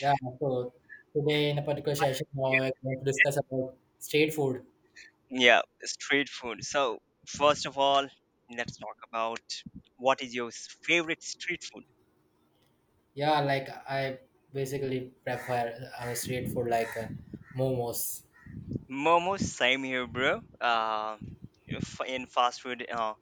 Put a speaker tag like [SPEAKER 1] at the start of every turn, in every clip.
[SPEAKER 1] Yeah, so today in a particular session, now
[SPEAKER 2] Yeah,
[SPEAKER 1] I'm going to discuss about street food.
[SPEAKER 2] yeah, street food. So, first of all, let's talk about what is your favorite street food?
[SPEAKER 1] Yeah, like I basically prefer our street food like momos.
[SPEAKER 2] Momos, same here, bro. In fast food,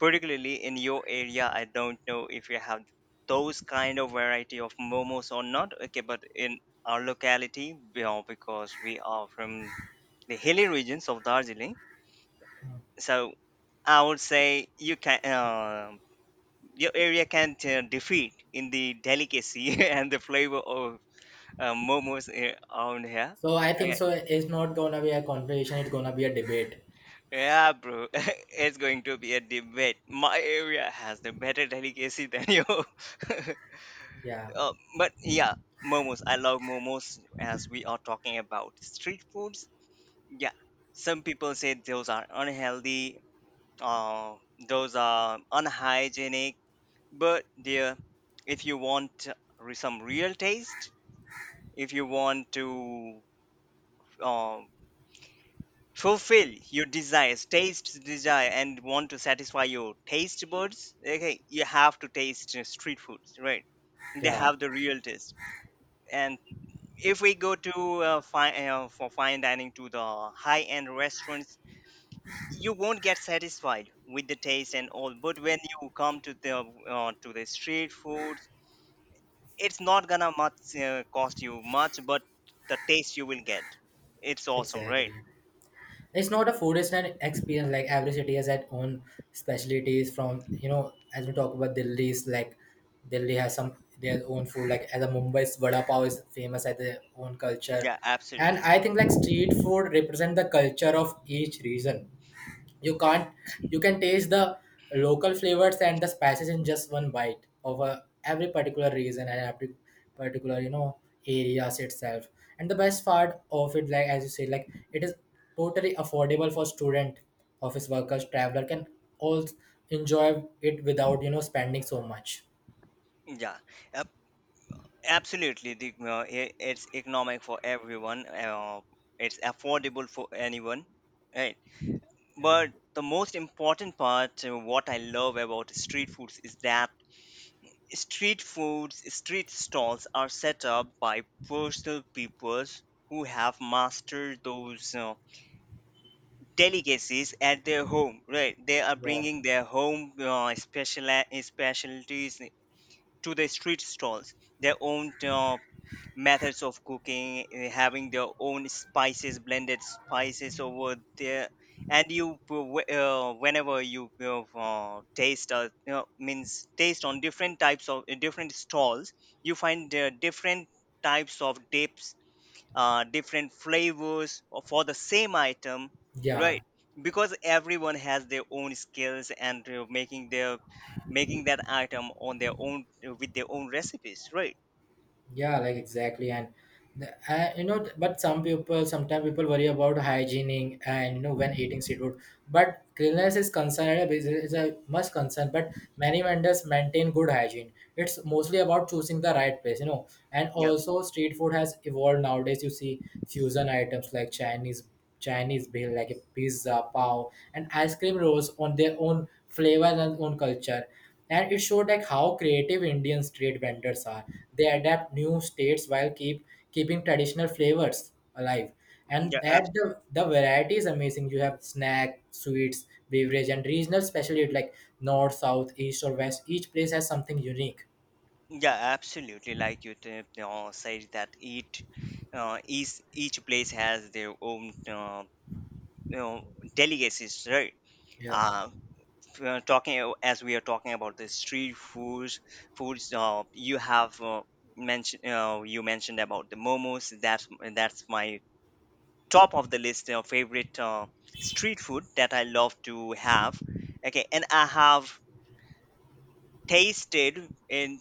[SPEAKER 2] particularly in your area, I don't know if you have those kind of variety of momos or not. Okay, but in our locality, you know, because we are from the hilly regions of Darjeeling, so I would say you can. Your area can't defeat in the delicacy and the flavor of momos around here.
[SPEAKER 1] So I think
[SPEAKER 2] Okay.
[SPEAKER 1] so. It's not gonna be a conversation. It's gonna be a debate.
[SPEAKER 2] Yeah, bro, it's going to be a debate. My area has the better delicacy than you.
[SPEAKER 1] Yeah,
[SPEAKER 2] But yeah, momos. I love momos as we are talking about street foods. Yeah, some people say those are unhealthy, uh, those are unhygienic. But dear, if you want some real taste, if you want to um, fulfill your desires, taste desire, and want to satisfy your taste buds, okay, you have to taste street foods, right? They
[SPEAKER 1] yeah,
[SPEAKER 2] have the real taste. And if we go to fine for fine dining to the high end restaurants, y- you won't get satisfied with the taste and all. But when you come to the street foods, it's not gonna much cost you much, but the taste you will get, it's awesome,
[SPEAKER 1] exactly.
[SPEAKER 2] right?
[SPEAKER 1] It's not a food, it's an experience. Like every city has its own specialties. From you know as we talk about Delhi's, like Delhi has some their own food, like as a Mumbai's vada pav is famous at their own culture.
[SPEAKER 2] Yeah,
[SPEAKER 1] And
[SPEAKER 2] absolutely.
[SPEAKER 1] I think like street food represent the culture of each region. You can't — you can taste the local flavors and the spices in just one bite of a every particular region and every particular areas itself. And the best part of it, like as you say, like it is totally affordable for student, office workers, traveler can all enjoy it without spending so much.
[SPEAKER 2] Yeah, ab- absolutely. It's economic for everyone. It's affordable for anyone, right?
[SPEAKER 1] Yeah,
[SPEAKER 2] But the most important part, what I love about street foods is that street foods, street stalls are set up by personal peoples who have mastered those delicacies at their home, right? They are
[SPEAKER 1] yeah,
[SPEAKER 2] bringing their home special specialties to the street stalls their own methods of cooking having their own spices blended spices over there and whenever you taste, means taste on different types of different stalls you find different types of dips different flavors or for the same item,
[SPEAKER 1] yeah.
[SPEAKER 2] right? Because everyone has their own skills and making their making that item on their own with their own recipes, right?
[SPEAKER 1] Yeah, like exactly, and the, but some people, sometimes people worry about hygiene, and you know when eating seafood. But cleanliness is concerned is a must concern. But many vendors maintain good hygiene. It's mostly about choosing the right place. And
[SPEAKER 2] Yep.
[SPEAKER 1] also, street food has evolved nowadays. You see fusion items like Chinese bill, like a pizza, pav, and ice cream rolls on their own flavor and own culture. And it showed like how creative Indian street vendors are. They adapt new states while keeping traditional flavors alive. And
[SPEAKER 2] Yeah,
[SPEAKER 1] that
[SPEAKER 2] absolutely.
[SPEAKER 1] the variety is amazing. You have snack, sweets, beverage, and regional specialty like north, south, east, or west. Each place has something unique.
[SPEAKER 2] Yeah, absolutely. Like you said that each place has their own you know delicacies, right?
[SPEAKER 1] Yeah.
[SPEAKER 2] Uh, talking as we are talking about the street foods foods you have mentioned you mentioned about the momos that's my top of the list favorite street food that I love to have. Okay, and I have tasted in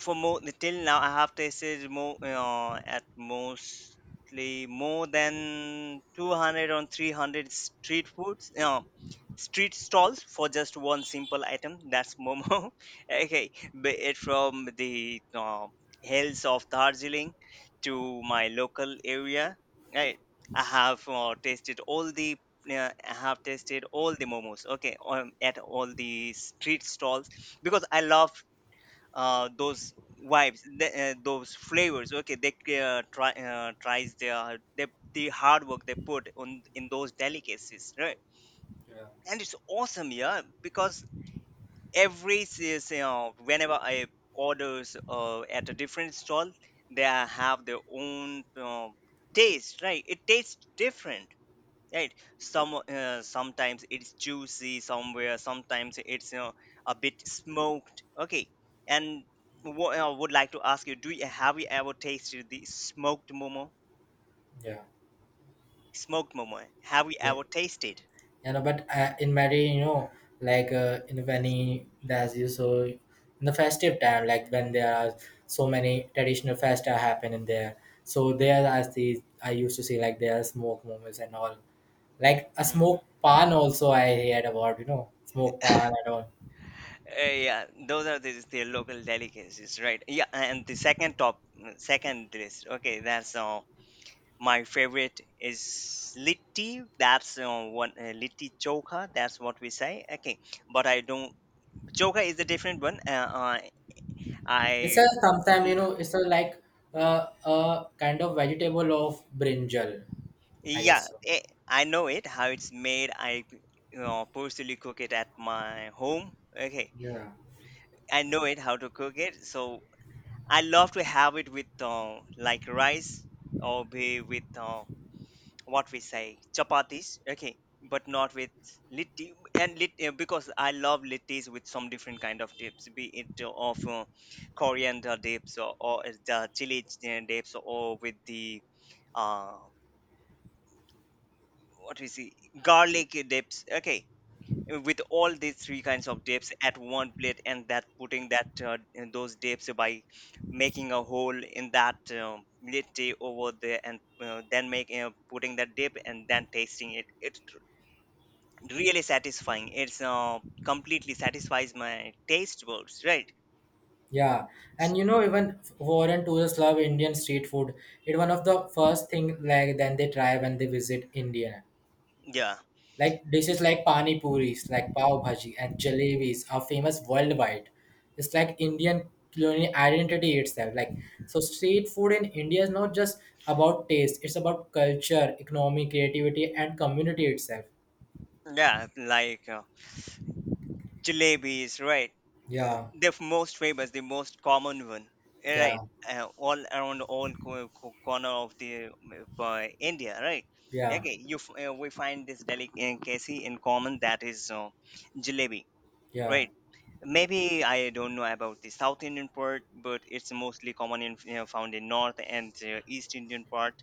[SPEAKER 2] for more till now, I have tasted more at mostly more than 200 or 300 street foods, street stalls for just one simple item. That's momo. Okay, be it from the hills of Darjeeling to my local area, right? I have tasted all the I have tasted all the momos. Okay, at all the street stalls because I love those vibes, those flavors. Okay, they try tries the hard work they put on in those delicacies, right? And it's awesome, yeah, because every you know whenever I orders at a different stall, they have their own taste, right? It tastes different, right? Sometimes it's juicy somewhere, sometimes it's you know a bit smoked. Okay, and what I would like to ask you, do you have you ever tasted the smoked momo?
[SPEAKER 1] Yeah,
[SPEAKER 2] Smoked momo, have you
[SPEAKER 1] yeah.
[SPEAKER 2] ever tasted?
[SPEAKER 1] You know, but in many, you know, like in many, there's you — so in the festive time, like when there are so many traditional festa happen in there, so there as the, I used to see like there are smoke moments and all, like a
[SPEAKER 2] Hmm.
[SPEAKER 1] smoke pan also I heard about, you know, smoke pan and all.
[SPEAKER 2] Yeah, those are the local delicacies, right? Yeah, and the second top, second list. Okay, that's my favorite is litti. That's one litti chokha. That's what we say. Okay, but I don't. Joker is a different one. Uh, uh,
[SPEAKER 1] It's a
[SPEAKER 2] I
[SPEAKER 1] sometime, you know, it's a like uh, a kind of vegetable of brinjal, I
[SPEAKER 2] yeah,
[SPEAKER 1] guess so,
[SPEAKER 2] I know it how it's made. I, you know, personally cook it at my home. Okay,
[SPEAKER 1] yeah.
[SPEAKER 2] I know it how to cook it. So I love to have it with like rice or be with what we say chapatis. Okay, but not with litti and lit because I love littis with some different kind of dips, be it of coriander dips, or the chili dips or with the uh what we see garlic dips. Okay, with all these three kinds of dips at one plate and that putting that in those dips by making a hole in that litti over there and then making putting that dip and then tasting it, it's really satisfying. It's completely satisfies my taste buds, right?
[SPEAKER 1] Yeah, and
[SPEAKER 2] S-
[SPEAKER 1] you know even foreign tourists love Indian street food. It's one of the first thing like then they try when they visit India.
[SPEAKER 2] yeah,
[SPEAKER 1] Like dishes like pani puris, like pav bhaji, and jalebis are famous worldwide. It's like Indian culinary identity itself. Like so, street food in India is not just about taste; it's about culture, economy, creativity, and community itself.
[SPEAKER 2] yeah, like jalebis, right?
[SPEAKER 1] Yeah,
[SPEAKER 2] The most famous, the most common one,
[SPEAKER 1] yeah,
[SPEAKER 2] right? All around all corner of the India, right?
[SPEAKER 1] yeah,
[SPEAKER 2] Okay, we find this delicacy in common, that is jalebi,
[SPEAKER 1] yeah,
[SPEAKER 2] right? Maybe I don't know about the South Indian part, but it's mostly common in, you know, found in North and East Indian part,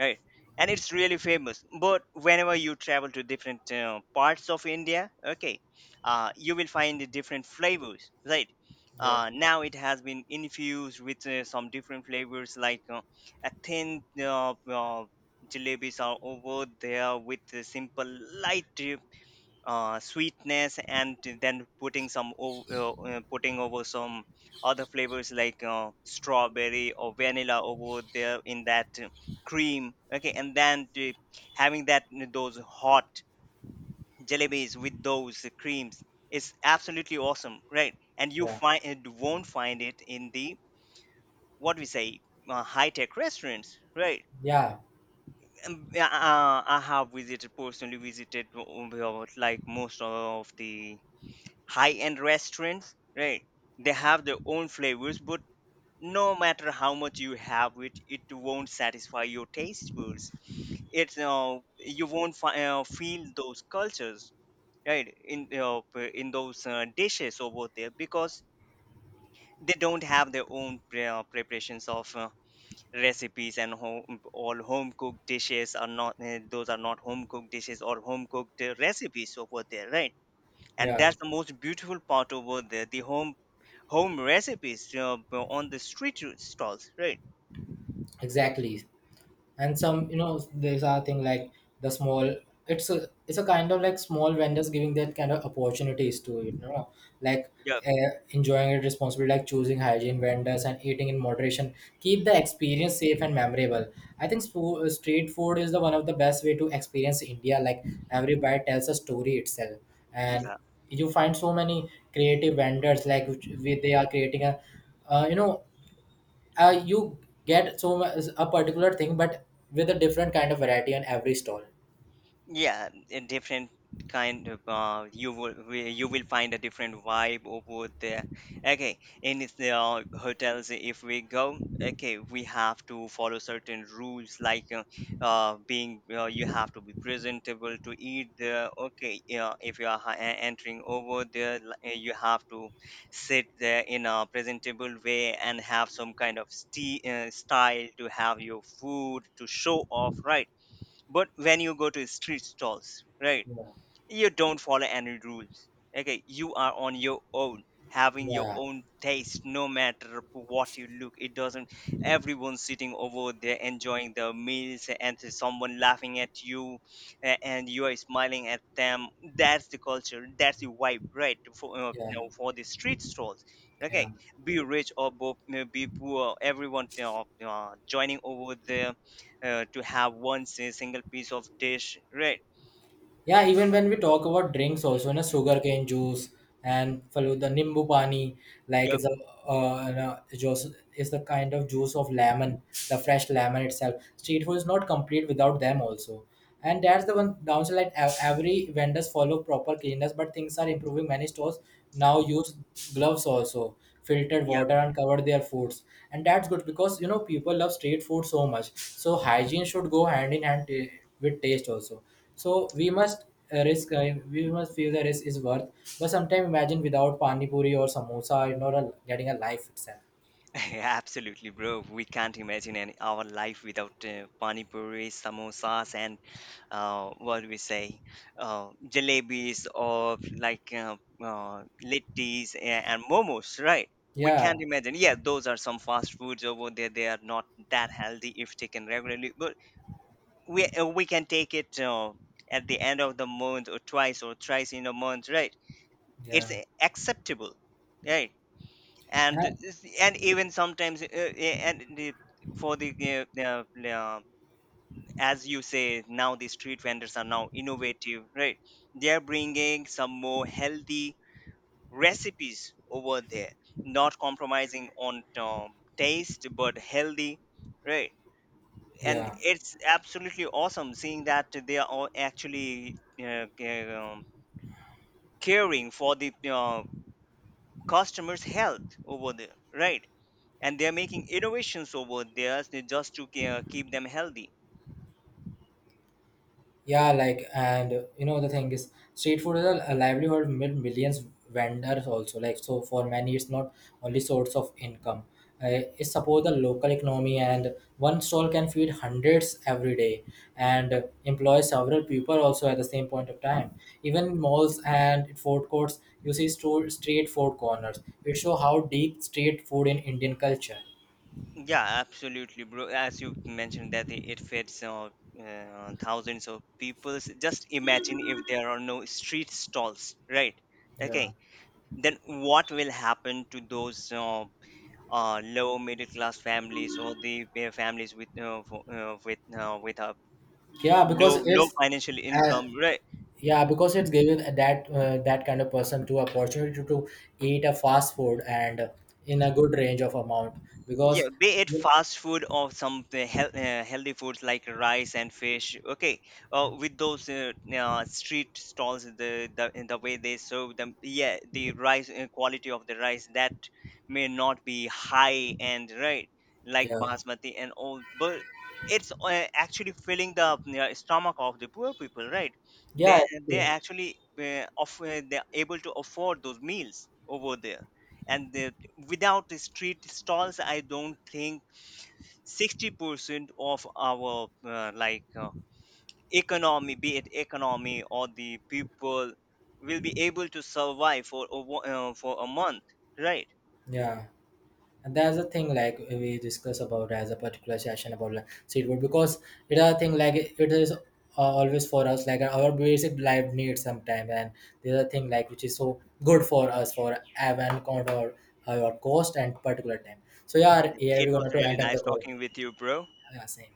[SPEAKER 2] right? And it's really famous. But whenever you travel to different parts of India, okay, you will find the different flavors, right?
[SPEAKER 1] yeah,
[SPEAKER 2] Now it has been infused with some different flavors like a thin jalebis are over there with the simple light sweetness and then putting some putting over some other flavors like strawberry or vanilla over there in that cream. Okay, and then having that those hot jalebis with those creams is absolutely awesome, right? And you
[SPEAKER 1] yeah,
[SPEAKER 2] find it, won't find it in the what we say high-tech restaurants, right?
[SPEAKER 1] yeah,
[SPEAKER 2] Yeah, I have visited, personally visited like most of the high-end restaurants, right? They have their own flavors, but no matter how much you have it, it won't satisfy your taste buds. It's you won't feel those cultures, right? In in those dishes over there because they don't have their own preparations of recipes and home, all home cooked dishes are not those are not home cooked dishes or home cooked recipes over there, right? And
[SPEAKER 1] yeah.
[SPEAKER 2] that's the most beautiful part over there, the home home recipes, you know, on the street stalls, right?
[SPEAKER 1] Exactly. And some, you know, there's a thing like the small — it's a kind of like small vendors giving that kind of opportunities to it, you know, like
[SPEAKER 2] Yeah,
[SPEAKER 1] enjoying it responsibly, like choosing hygiene vendors and eating in moderation, keep the experience safe and memorable. I think street food is the one of the best way to experience India, like every bite tells a story itself. And
[SPEAKER 2] yeah.
[SPEAKER 1] you find so many creative vendors, like which, they are creating a uh, you know you get so much a particular thing, but with a different kind of variety on every stall.
[SPEAKER 2] Yeah, a different kind of you will find a different vibe over there. Okay, in is the hotels, if we go, okay, we have to follow certain rules like being you have to be presentable to eat there. Okay, yeah, if you are entering over there, you have to sit there in a presentable way and have some kind of style to have your food to show off, right? But when you go to street stalls, right,
[SPEAKER 1] Yeah.
[SPEAKER 2] you don't follow any rules. Okay, you are on your own, having your
[SPEAKER 1] Yeah,
[SPEAKER 2] own taste. No matter what you look, it doesn't. Everyone's sitting over there enjoying their meals and there's someone laughing at you, and you are smiling at them. That's the culture, that's the vibe, right? For
[SPEAKER 1] yeah,
[SPEAKER 2] for the street stalls.
[SPEAKER 1] yeah.
[SPEAKER 2] Okay, be rich or you be poor, everyone, you know, joining over there to have one single piece of dish, right?
[SPEAKER 1] Yeah, even when we talk about drinks, also, na sugarcane juice and follow the nimbu pani, like it's a juice, is the kind of juice of lemon, the fresh lemon itself. Street food is not complete without them also, and that's the one downside. Like every vendors follow proper cleanliness, but things are improving. Many stores now use gloves also, filtered
[SPEAKER 2] Yeah.
[SPEAKER 1] water, and cover their foods, and that's good because people love street food so much. So hygiene should go hand in hand with taste also, so we must feel the risk is worth. But sometimes imagine without pani puri or samosa, you know, getting a life itself.
[SPEAKER 2] Absolutely, bro. We can't imagine any, our life without pani puri, samosas, and what do we say, jalebis, or like littis and momos, right? We
[SPEAKER 1] Yeah,
[SPEAKER 2] can't imagine. Yeah, those are some fast foods over there. They are not that healthy if taken regularly, but we can take it at the end of the month or twice or thrice in a month, right? It's
[SPEAKER 1] yeah.
[SPEAKER 2] acceptable, right? and
[SPEAKER 1] Uh,
[SPEAKER 2] is- and even sometimes and the, for the as you say, now the street vendors are now innovative, right? They are bringing some more healthy recipes over there, not compromising on taste, but healthy, right? And
[SPEAKER 1] yeah.
[SPEAKER 2] it's absolutely awesome seeing that they are all actually uh, ca- um, caring for the customers health over there, right? And they are making innovations over there just to keep them healthy.
[SPEAKER 1] Yeah, like, and the thing is, street food is a livelihood made millions vendors also. Like, so for many, it's not only source of income. It supports the local economy, and one stall can feed hundreds every day and
[SPEAKER 2] Yep.
[SPEAKER 1] employ several people also at the same point of time. Even malls and food courts, you see store, street food corners. It show how deep street food in Indian culture.
[SPEAKER 2] Yeah, absolutely, bro. As you mentioned that it fits thousands of people. So just imagine if there are no street stalls, right?
[SPEAKER 1] Yeah,
[SPEAKER 2] Okay, then what will happen to those low middle class families, or the families with with a
[SPEAKER 1] yeah, because
[SPEAKER 2] low low
[SPEAKER 1] it's
[SPEAKER 2] financial
[SPEAKER 1] uh,
[SPEAKER 2] income, right?
[SPEAKER 1] Yeah, because it's given that that kind of person to opportunity to, eat a fast food and in a good range of amount.
[SPEAKER 2] Yeah,
[SPEAKER 1] Because
[SPEAKER 2] be it fast food or some healthy foods like rice and fish. Okay, with those street stalls, the, in the way they serve them, yeah, the rice, quality of the rice that may not be high end, right? Like
[SPEAKER 1] yeah,
[SPEAKER 2] basmati and all, but it's actually filling the stomach of the poor people, right?
[SPEAKER 1] yeah,
[SPEAKER 2] They
[SPEAKER 1] true.
[SPEAKER 2] actually they're able to afford those meals over there, and the, without the street stalls, I don't think 60% of our economy, be it economy or the people, will be able to survive for a, for a month, right?
[SPEAKER 1] Yeah, and that's the thing, like we discuss about as a particular session about, like, seed food, because it is a thing like it is always for us, like our basic life needs sometimes. And there's a thing like which is so good for us for even count our cost and particular time. So yeah, here
[SPEAKER 2] It
[SPEAKER 1] we're
[SPEAKER 2] was
[SPEAKER 1] gonna to
[SPEAKER 2] really
[SPEAKER 1] end up the
[SPEAKER 2] nice
[SPEAKER 1] call.
[SPEAKER 2] talking with you, bro.
[SPEAKER 1] Yeah, same.